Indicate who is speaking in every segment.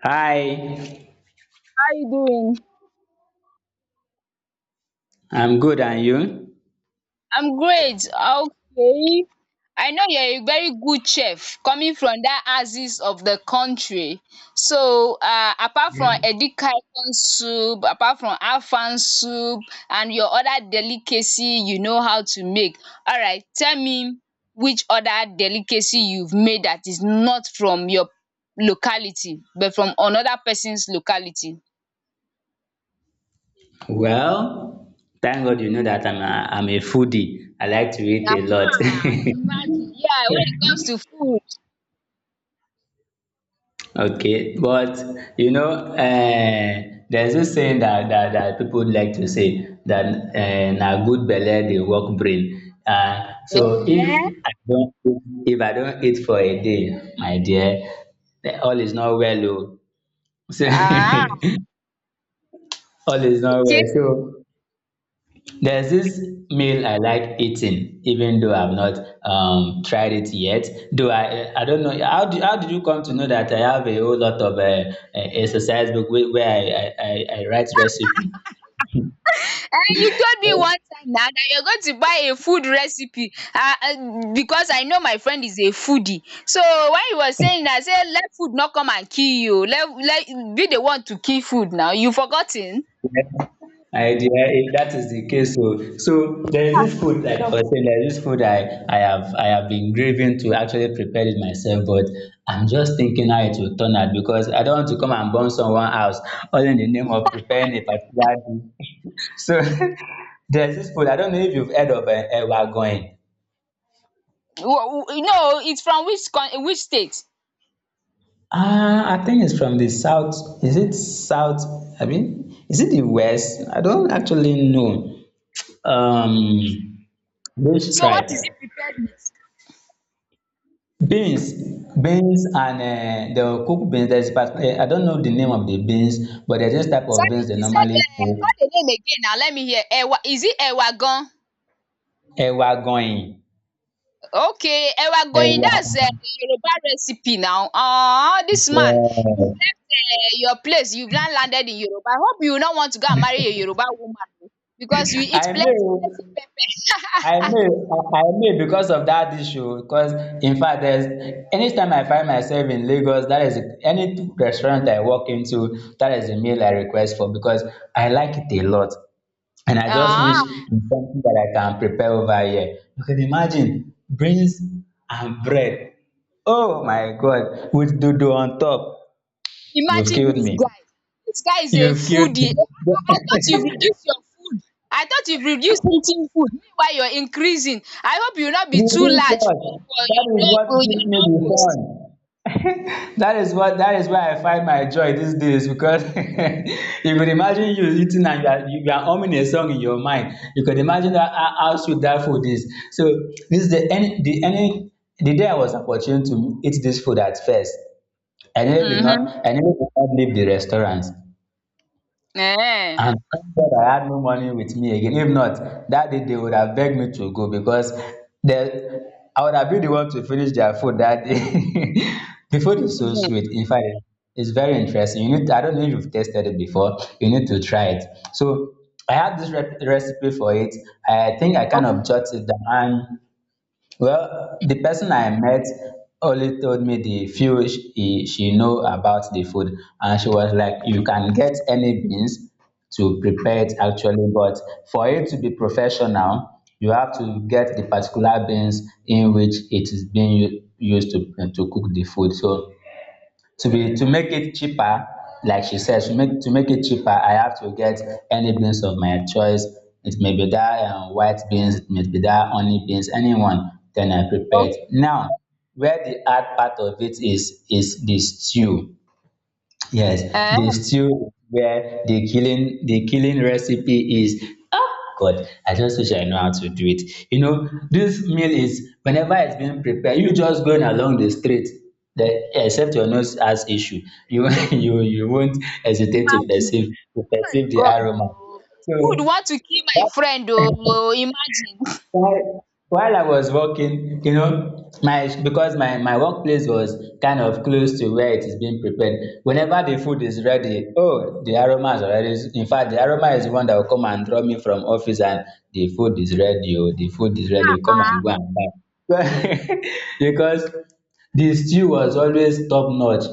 Speaker 1: Hi,
Speaker 2: Are you doing?
Speaker 1: I'm good, and you?
Speaker 2: I'm great. Okay. I know you're a very good chef coming from that axis of the country. So, apart from edikaikong soup, apart from afang soup, and your other delicacy you know how to make. All right, tell me which other delicacy you've made that is not from your locality, but from another person's locality.
Speaker 1: Well, thank God you know that I'm a foodie. I like to eat a
Speaker 2: Aha,
Speaker 1: lot.
Speaker 2: imagine. Yeah, when it comes to food.
Speaker 1: Okay, but you know, uh, there's this saying that people like to say that na good belle dey work brain. So if
Speaker 2: Eh?
Speaker 1: I don't eat, if I don't eat for a day, my dear, all is not well. Oh. So
Speaker 2: Ah,
Speaker 1: all is not well.
Speaker 2: okay oh.
Speaker 1: So there's this meal I like eating, even though I've not tried it yet. Though I don't know how did you come to know that I have a whole lot of exercise book where I write recipe.
Speaker 2: And you told me one time now that you're going to buy a food recipe ah because I know my friend is a foodie. So when you were saying that say let food no come and kill you oh, let be the one to kill food now. You forgot ten?
Speaker 1: If that is the case, so so there is this food, like I was saying, there is this food I have been craving to actually prepare it myself, but I'm just thinking how it will turn out because I don't want to come and burn someone house all in the name of preparing a particular dish. So there's this food, I don't know if you've heard of ewa going?
Speaker 2: No, it's from which con which state?
Speaker 1: Ah, I think it's from the south. Is it south? I mean, is it the west? I don't actually know. Um, which
Speaker 2: So what is
Speaker 1: tribe.
Speaker 2: it prepared with?
Speaker 1: Beans, beans and they will cook beans, there is part I don't know the name of the beans, but there is this type of
Speaker 2: Sorry,
Speaker 1: beans they
Speaker 2: you
Speaker 1: normally
Speaker 2: said
Speaker 1: cook,
Speaker 2: call the name again now let me hear. Ewa, is it Ewa gan?
Speaker 1: ẹ̀wà àgànyìn,
Speaker 2: Okay, we are going
Speaker 1: ẹ̀wà
Speaker 2: that's Yoruba recipe now. Dis man, you
Speaker 1: yes,
Speaker 2: left your place you now landed in Yoruba. I hope you no want to go and marry a Yoruba woman oo because you eat
Speaker 1: I
Speaker 2: plenty
Speaker 1: know
Speaker 2: plenty pepper.
Speaker 1: I may because of that issue. Because in fact, there's anytime I find myself in Lagos, that is any restaurant I walk into, that is a meal I request for because I like it a lot, and I just wish
Speaker 2: um
Speaker 1: it's something that I can prepare over here. You can imagine beans and bread. Oh my God, with dodo on top. You've
Speaker 2: Imagine
Speaker 1: killed
Speaker 2: dis
Speaker 1: me.
Speaker 2: guy. Dis guy is a
Speaker 1: You've killed
Speaker 2: foodie.
Speaker 1: me.
Speaker 2: I thought you've reduced your food. I thought you've reduced eating food meanwhile you're increasing. I hope you no be too
Speaker 1: Reduce
Speaker 2: large for
Speaker 1: what? That
Speaker 2: your
Speaker 1: is
Speaker 2: door
Speaker 1: what
Speaker 2: for
Speaker 1: gives
Speaker 2: your
Speaker 1: me
Speaker 2: door
Speaker 1: the
Speaker 2: post.
Speaker 1: fun. that is where I find my joy these days because you could imagine you eating and you are humming a song in your mind. You could imagine that, how sweet that food is. So this is the any the any the day I was opportune to eat this food at first.
Speaker 2: um
Speaker 1: I nearly did not leave the restaurant.
Speaker 2: um
Speaker 1: And thank God I had no money with me again. If not, that day they would have begged me to go, because the I would have been the one to finish their food that day. The food is so
Speaker 2: Imagine.
Speaker 1: sweet. In fact, it's very interesting. You need to, I don't know if you've tasted it before. You need to try it. So I had this recipe for it. I think I kind of
Speaker 2: Okay,
Speaker 1: jotted it down. Well, the person I met only told me the few she know about the food, and she was like, "You can get any beans to prepare it actually, but for it to be professional, you have to get the particular beans in which it is being used to cook the food." So to be to make it cheaper, like she said, to make it cheaper, I have to get any beans of my choice. It may be that white beans, it may be that honey beans, anyone, then I prepare it
Speaker 2: okay.
Speaker 1: now. Where the hard part of it is the stew. Yes, the
Speaker 2: um
Speaker 1: stew, where the killing recipe is. Ah God, I just wish I know how to do it. You know, this meal, is whenever it's being prepared, you just going along the street. The, except your nose has issue, you you won't hesitate
Speaker 2: Imagine!
Speaker 1: to
Speaker 2: My
Speaker 1: perceive the
Speaker 2: God
Speaker 1: aroma.
Speaker 2: oh! Who would want to kill my friend oh! Imagine!
Speaker 1: While I was working, you know, my because my workplace was kind of close to where it is being prepared. Whenever the food is ready, oh, the aroma is already. In fact, the aroma is the one that will come and draw me from office, and the food is ready. Oh, the food is ready. Come and go and buy. because the stew was always top notch.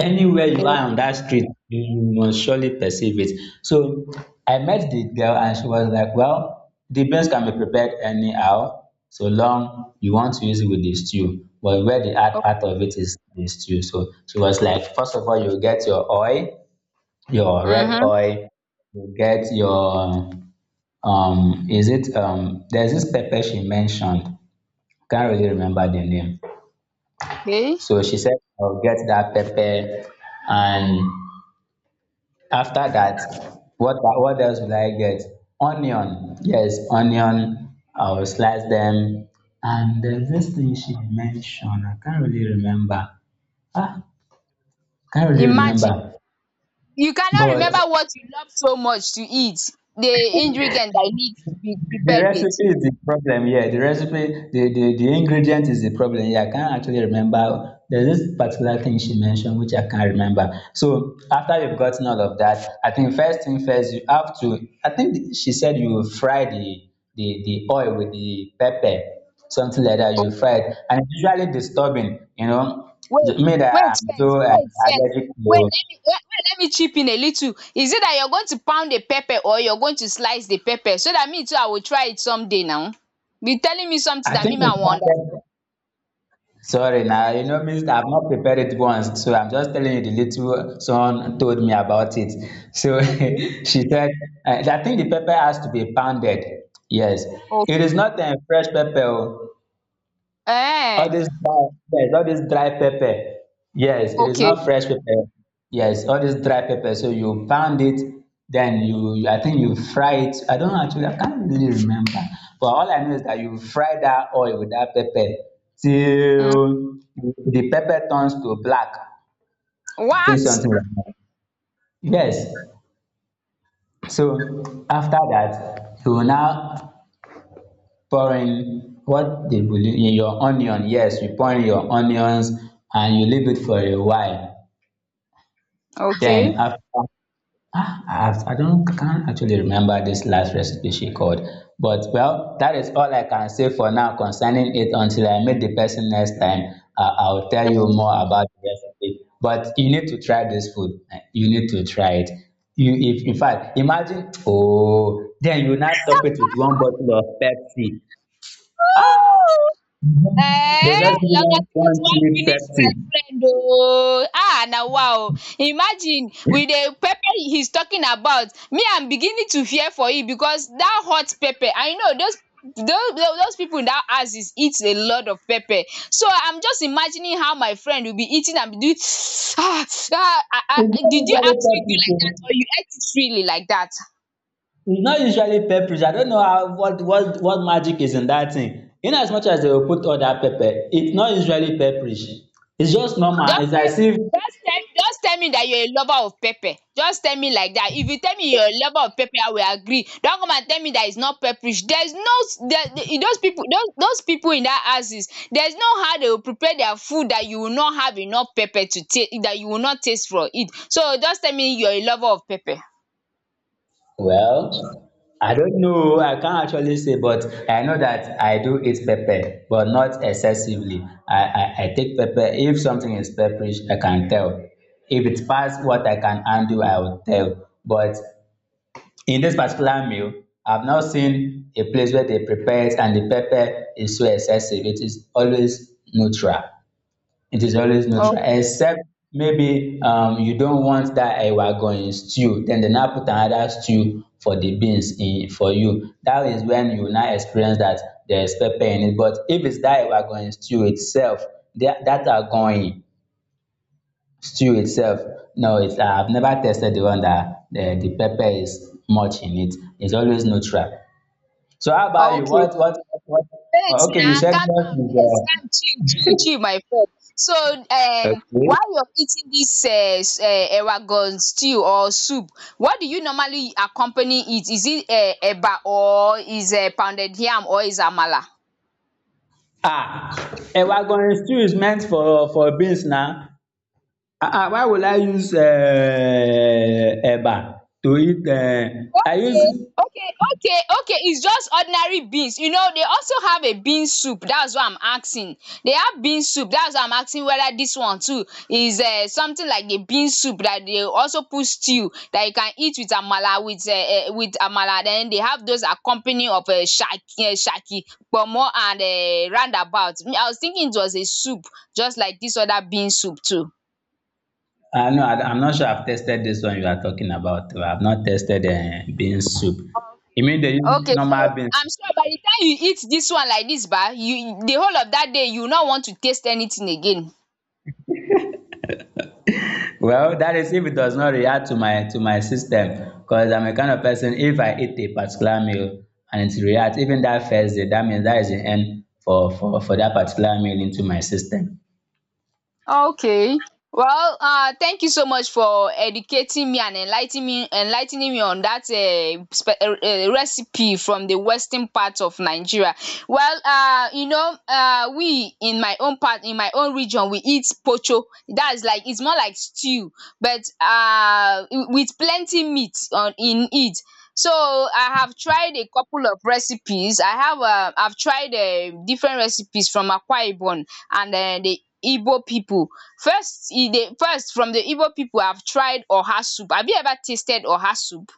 Speaker 1: Anywhere you are on that street, you must surely perceive it. So I met the girl and she was like, well, the beans can be prepared anyhow, so long you want to use it with the stew. But where the hard part of it is the stew. So she was like, first of all, you get your oil, your red
Speaker 2: um
Speaker 1: oil, you get your is it there's this pepper she mentioned. Can't really remember the name.
Speaker 2: okay.
Speaker 1: So she said, I'll get that pepper, and after that, what else will I get? Onion. Yes, onion. I will slice them. And there's this thing she mentioned. I can't really remember. Ah, can't really
Speaker 2: Imagine!
Speaker 1: remember.
Speaker 2: You cannot remember
Speaker 1: But
Speaker 2: what you love so much to eat, the ingredient that needs to be
Speaker 1: the
Speaker 2: prepared with.
Speaker 1: recipe is the problem. Yeah, the recipe, the ingredient is the problem. Yeah, I can't actually remember. There's this particular thing she mentioned which I can't remember. So after you've gotten all of that, I think first thing first, you have to. I think she said you fry the oil with the pepper, something like that. You
Speaker 2: Oh,
Speaker 1: fry it, and it's usually disturbing. You know,
Speaker 2: wait,
Speaker 1: me
Speaker 2: wait
Speaker 1: that I'm
Speaker 2: first
Speaker 1: so
Speaker 2: wait first
Speaker 1: allergic
Speaker 2: wait
Speaker 1: to.
Speaker 2: let me wait wait, let me chip in a little. Is it that you're going to pound the pepper or you're going to slice the pepper so that me too I will try it someday now? Be telling me something
Speaker 1: I
Speaker 2: that me
Speaker 1: think it
Speaker 2: ma I will.
Speaker 1: started. Sorry now, you know, means I've not prepared it once, so I'm just telling you the little someone told me about it. So she said, I think the pepper has to be pounded. Yes,
Speaker 2: Oh,
Speaker 1: it is not a fresh pepper. Oh. All
Speaker 2: eh?
Speaker 1: this dry, yes, all this dry pepper. Yes, it is
Speaker 2: Okay.
Speaker 1: not fresh pepper. Yes, all this dry pepper. So you pound it, then you, I think, you fry it. I don't actually, I can't really remember. But all I know is that you fry that oil with that pepper
Speaker 2: um
Speaker 1: till the pepper turns to black. I think
Speaker 2: what?
Speaker 1: something like that. Yes. So after that, you will now pour in what the in your onion, yes, you pour in your onions and you leave it for a while,
Speaker 2: Okay.
Speaker 1: then after ah, I've- I don't can't actually remember this last recipe she called, but well, that is all I can say for now concerning it. Until I meet the person next time, I'll tell you more about the recipe, but you need to try this food, eh, you need to try it. You, if in fact imagine oh, then you now top it with one bottle of Pepsi. Ah, they'll
Speaker 2: Eh,
Speaker 1: just give you
Speaker 2: longer
Speaker 1: one,
Speaker 2: throat
Speaker 1: one
Speaker 2: wan
Speaker 1: cheap
Speaker 2: finish my
Speaker 1: Pepsi.
Speaker 2: friend oh. Ah na wa oh. Imagine with the pepper he's talking about, me I'm beginning to fear for him because that hot pepper, I know those those people in that house is eat a lot of pepper. So I'm just imagining how my friend will be eating and be doing. Ah, ah, ah, ah.
Speaker 1: It's not
Speaker 2: Did you
Speaker 1: usually
Speaker 2: actually do
Speaker 1: peppery.
Speaker 2: like that
Speaker 1: Oh.
Speaker 2: or you ate it freely like that?
Speaker 1: It's not usually peppery. I don't know how, what magic is in that thing. In as much as they will put all that pepper, it's not usually peppery. It's just normal.
Speaker 2: Just
Speaker 1: It's
Speaker 2: tell
Speaker 1: as if
Speaker 2: just tell me that you're a lover of pepper. Just tell me like that. If you tell me you're a lover of pepper, I will agree. Don't come and tell me that it's not pepperish. There's no s- there, the- those people those people in that houses. There's no how they will prepare their food that you will not have enough pepper to taste that you will not taste from it. So just tell me you're a lover of pepper.
Speaker 1: well, I don't know. I can't actually say, but I know that I do eat pepper, but not excessively. I take pepper. If something is pepperish, I can tell. If it's past what I can undo, I will tell. But in this particular meal, I've now seen a place where they prepare it and the pepper is so excessive. It is always neutral. It is always
Speaker 2: Oh,
Speaker 1: neutral, except maybe you don't want that ewa going stew. Then they now put another stew for the beans in for you. That is when you now experience that there is pepper in it. But if it's that ewa going stew itself, that are going stew itself, no, it's I've never tested the one that the pepper is much in it. It's always neutral. So how about you,
Speaker 2: okay.
Speaker 1: what
Speaker 2: Wait
Speaker 1: oh, okay,
Speaker 2: na,
Speaker 1: you said
Speaker 2: calm
Speaker 1: what
Speaker 2: down
Speaker 1: is
Speaker 2: first, calm, chill, chill, chill my friend. So while you're eating this ewagan stew or soup, what do you normally accompany it? Is it eba or is pounded yam or is amala?
Speaker 1: uh, ah ewa gorin stew is meant for beans now. Ah ah, why would I use eba to eat I use
Speaker 2: Okay, okay, okay. It's just ordinary beans. You know, they also have a bean soup. That's why I'm asking. They have bean soup. That's why I'm asking whether this one too is something like the bean soup that they also put stew that you can eat with amala with amala. Then they have those accompany of shaki, shaki, pomo and roundabout. Me, I was thinking it was a soup, just like this other bean soup too.
Speaker 1: ah no, I'm not sure I've tested this one you are talking about. I've not tested bean soup. You mean they use
Speaker 2: Okay, so
Speaker 1: normal beans.
Speaker 2: I'm sure by the time you eat this one like this ba, you the whole of that day you will not want to taste anything again.
Speaker 1: Well, that is if it does not react to my system, because I'm a kind of person, if I eat a particular meal and it reacts, even that first day, that means that is the end for that particular meal into my system.
Speaker 2: Okay. Well, thank you so much for educating me and enlightening me on that recipe from the western part of Nigeria. Well, you know, we in my own part, in my own region, we eat pocho. That's like it's more like stew, but with plenty meat on in it. So I have tried a couple of recipes. I have I've tried different recipes from Akwa Ibom and they Igbo people. First e dey first from the Igbo people, I have tried oha soup. Have you ever tasted oha soup?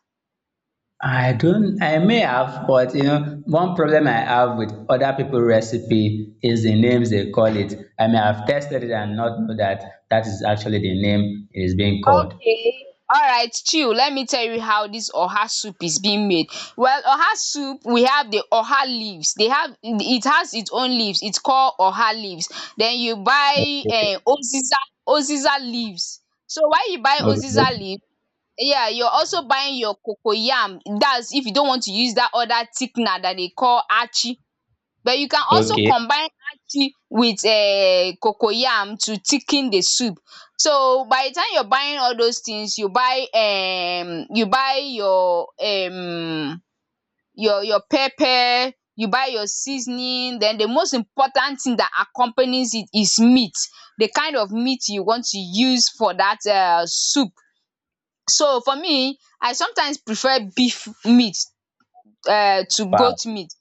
Speaker 1: I don't, I may have, but you know, one problem I have with other people recipe is the names they call it. I may have tested it and not know that that is actually the name it is being called.
Speaker 2: Okay, alright chill, let me tell you how this oha soup is being made. Well, oha soup we have the oha leaves, they have it has its own leaves, it's called oha leaves. Then you buy
Speaker 1: Okay.
Speaker 2: uziza, uziza leaves. So when you buy uziza
Speaker 1: Okay.
Speaker 2: leaf, yeah you're also buying your cocoyam dats if you don't want to use that other thickener that they call achi. But you can also
Speaker 1: Okay.
Speaker 2: combine achi with cocoyam to thicken the soup. So by the time you're buying all those things, you buy your pepper, you buy your seasoning, then the most important thing that accompanies it is meat. The kind of meat you want to use for that soup. So for me, I sometimes prefer beef meat to
Speaker 1: Wow.
Speaker 2: goat meat.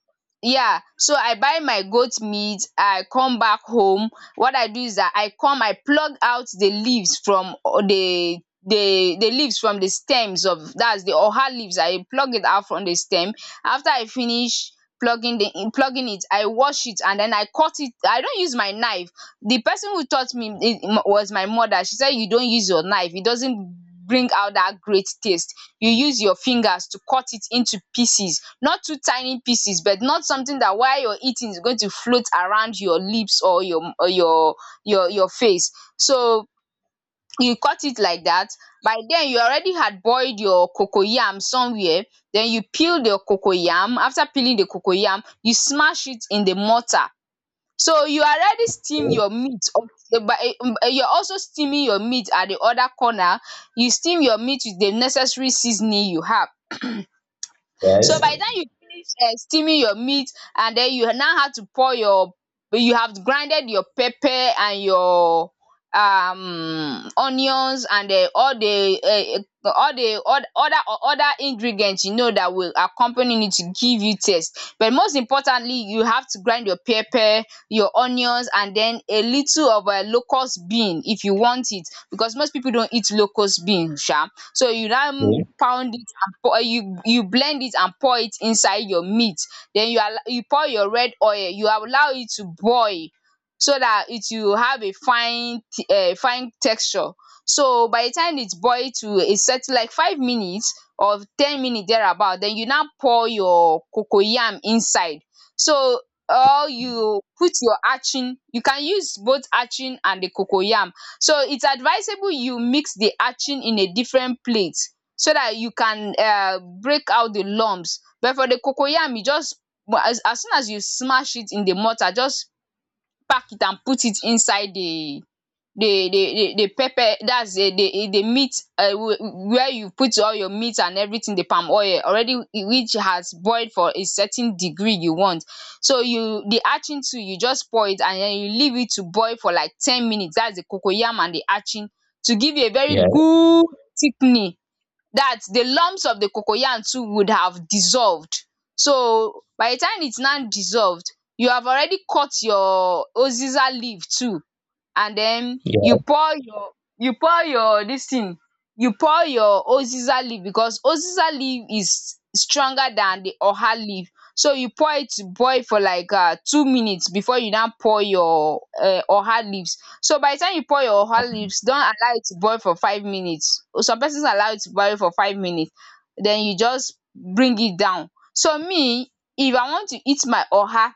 Speaker 2: Yeah, so I buy my goat meat I come back home. What I do is that I plug out the leaves from the leaves from the stems of that's the oha leaves, I plug it out from the stem. After I finish plugging it, I wash it and then I cut it. I don't use my knife. The person who taught me it was my mother. She said you don't use your knife, it doesn't bring out that great taste. You use your fingers to cut it into pieces, not too tiny pieces, but not something that while you're eating is going to float around your lips or your face. So you cut it like that. By then you already had boiled your cocoyam somewhere, then you peel the cocoyam. After peeling the cocoyam you smash it in the mortar. So you already steam your meat up- but you're also steaming your meat at the other corner, you steam your meat with the necessary seasoning you have. So
Speaker 1: Yes.
Speaker 2: by the time you finish steaming your meat and then you now have to pour your you have grinded your pepper and your onions and all the other ingredient you know that will accompany it to give you taste. But most importantly you have to grind your pepper, your onions and then a little of locust bean if you want it because most pipu don't eat locust bean sha. So you now
Speaker 1: Okay.
Speaker 2: pound it and pour you you blend it and pour it inside your meat. Then you pour your red oil, you allow it to boil so dat it will have a fine texture. So by the time it boil to a certain like 5 minutes or 10 minutes thereabout, then you now pour your cocoyam inside. So or you put your atching, you can use both atching and the cocoyam. So it's advisable you mix the hatching in a different plate so that you can break out the lumps, but for the cocoyam you just as soon as you smash it in the mortar just pack it and put it inside the pepper, that's the meat where you put all your meat and everything, the palm oil already which has boiled for a certain degree you want. So you the hatching too you just pour it and then you leave it to boil for like 10 minutes, that's the cocoyam and the hatching to give you a very
Speaker 1: Yes.
Speaker 2: good thickening, that the lumps of the cocoyam too would have dissolved. So by the time it's now dissolved, you have already cut your uziza leaf too and then
Speaker 1: Yes.
Speaker 2: you pour your this thing you pour your uziza leaf because uziza leaf is stronger than the oha leaf. So you pour it to boil for like 2 minutes before you now pour your oha leaves. So by the time you pour your oha leaves don't allow it to boil for 5 minutes, some persons allow it to boil for 5 minutes, then you just bring it down. So me, if I want to eat my oha,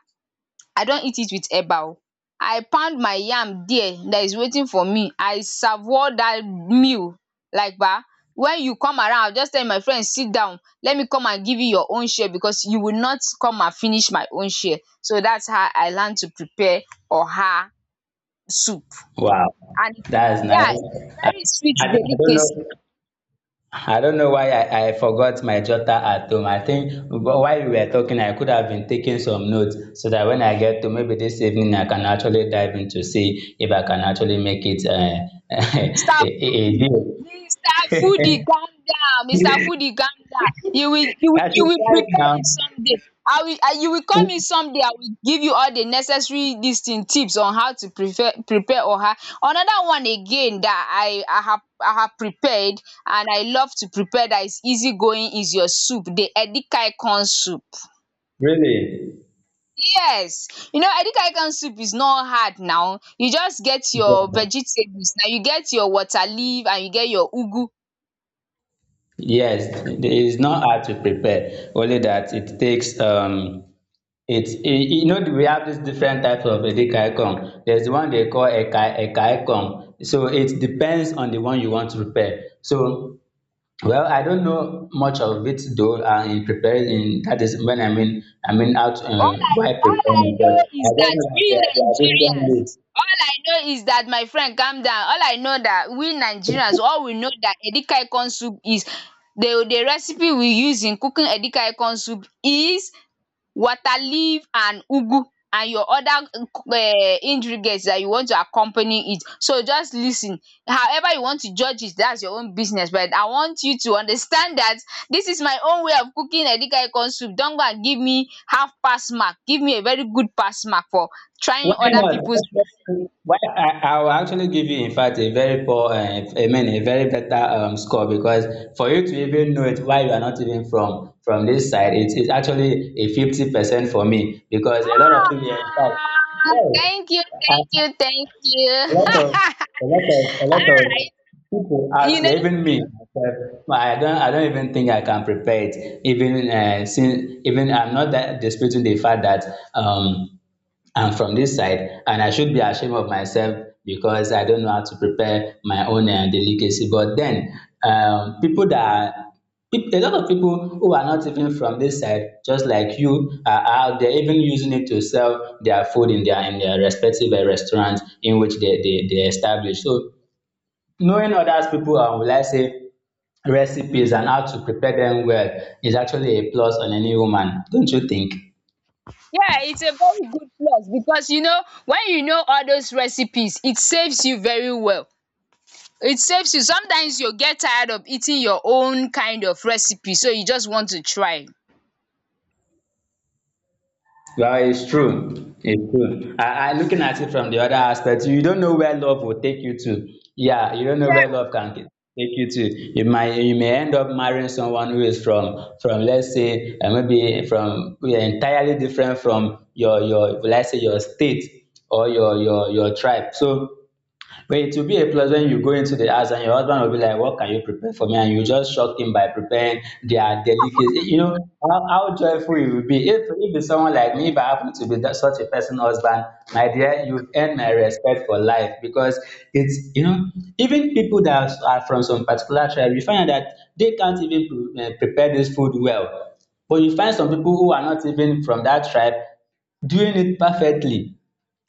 Speaker 2: I don eat it with eba oo, I pound my yam there that is waiting for me, I savour that meal like bah. When you come around I will just tell my friend sit down, let me come and give you your own share because you will not come and finish my own share. So that's how I learn to prepare oha soup.
Speaker 1: Wow,
Speaker 2: And
Speaker 1: that's
Speaker 2: yeah, its
Speaker 1: nice.
Speaker 2: a very sweet
Speaker 1: I don't
Speaker 2: delicacy.
Speaker 1: know. I don't know why I forgot my jotter at home. I think while we were talking, I could have been taking some notes so that when I get to maybe this evening, I can actually dive in to see if I can actually make it a,
Speaker 2: Mr.
Speaker 1: a
Speaker 2: Fundi, Mr. Fundi,
Speaker 1: deal.
Speaker 2: calm down. Mr. Fundi, calm down. You will,
Speaker 1: I
Speaker 2: you
Speaker 1: should
Speaker 2: will
Speaker 1: try it
Speaker 2: prepare
Speaker 1: now.
Speaker 2: it someday. You will call me someday. I will give you all the necessary this thing tips on how to prepare oha. Another one again that I have prepared and I love to prepare that is easy going is your soup, the edikai corn soup.
Speaker 1: Really?
Speaker 2: Yes, you know edikaikong soup is not hard now, you just get your
Speaker 1: Yeah.
Speaker 2: vegetables now, you get your water leaf and you get your ugu.
Speaker 1: Yes, there is not hard to prepare, only that it takes it's we have these different types of edekaikong. There's the one they call eka ekaikong, so it depends on the one you want to prepare. So well, I don't know much of it though, in preparing in that is when I mean out,
Speaker 2: All I
Speaker 1: while
Speaker 2: all
Speaker 1: preparing,
Speaker 2: I
Speaker 1: but
Speaker 2: know
Speaker 1: I
Speaker 2: is
Speaker 1: just
Speaker 2: that
Speaker 1: know that there
Speaker 2: we
Speaker 1: are, there are different
Speaker 2: Nigerians,
Speaker 1: ways.
Speaker 2: all I know is that my friend calm down, all I know that we Nigerians all we know that edikaikong soup is the recipe we use in cooking edikaikong soup is water leaf and ugu and your other ingredients that you want to accompany it. So just listen. However you want to judge it that's your own business, but I want you to understand that this is my own way of cooking edikaikong soup. Don't go and give me half pass mark, give me a very good pass mark for
Speaker 1: Why
Speaker 2: trying other people's
Speaker 1: not?
Speaker 2: recipe.
Speaker 1: I will actually give you, in fact, a very poor, I mean, a very better score, because for you to even know it, why you are not even from this side, it is actually a 50% for me. Because a lot of people,
Speaker 2: Ah,
Speaker 1: in fact,
Speaker 2: thank you.
Speaker 1: a lot of a lot of a lot of people out
Speaker 2: You know,
Speaker 1: here, even me myself, I don't even think I can prepare it, even since, even I'm not that disputing the fact that um I'm from this side and I should be ashamed of myself because I don't know how to prepare my own delicacy. But then, people that are, a lot of people who are not even from this side, just like you, are out there even using it to sell their food in their respective restaurants in which they establish. So knowing others people and, will I say, recipes, and how to prepare them well is actually a plus on any woman, don't you think?
Speaker 2: yeah, it's a very good plus because you know when you know all those recipes, it saves you very well. It saves you. Sometimes you get tired of eating your own kind of recipe, so you just want to try.
Speaker 1: Well, it's true. It's true. I looking at it from the other aspect. You don't know where love will take you to. Yeah, you don't know where
Speaker 2: Yeah.
Speaker 1: love take you to. You may end up marrying someone who is from let's say maybe from, who are entirely different from your let's say your state or your tribe. So, but it will be a plus when you go into the house and your husband will be like, "What can you prepare for me?" And you just shock him by preparing their delicacy. You know, how joyful it will be. If it's someone like me, if I happen to be that, such a person, husband, my dear, you've earned my respect for life, because it's, you know, even people that are from some particular tribe, you find out that they can't even prepare this food well. But you find some people who are not even from that tribe doing it perfectly.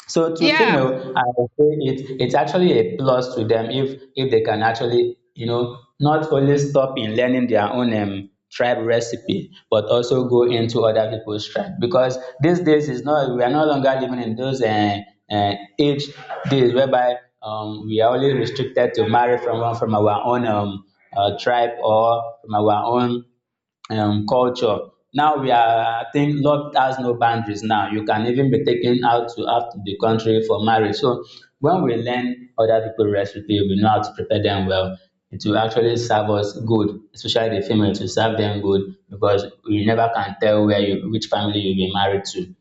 Speaker 1: So to
Speaker 2: Yeah.
Speaker 1: female, I would say it's actually a plus to them, if they can actually, you know, not only stop in learning their own tribe recipe, but also go into other people's tribe. Because these days is not, we are no longer living in those age days whereby we are only restricted to marry from one, from our own, tribe, or from our own culture. Now we are, I think love has no boundaries now. You can even be taken out to the country for marriage. So when we learn other people's recipe, we know how to prepare them well. It will actually serve us good, especially the female, to serve them good, because we never can tell where you, which family you'll be married to.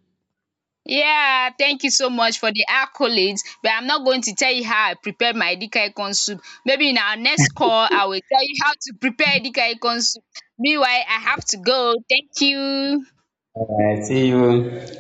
Speaker 2: Yeah. Thank you so much for the accolades. But I'm not going to tell you how I prepared my edikaikong soup. Maybe in our next call, I will tell you how to prepare edikaikong soup. Meanwhile, I have to go. Thank you.
Speaker 1: All right, see you.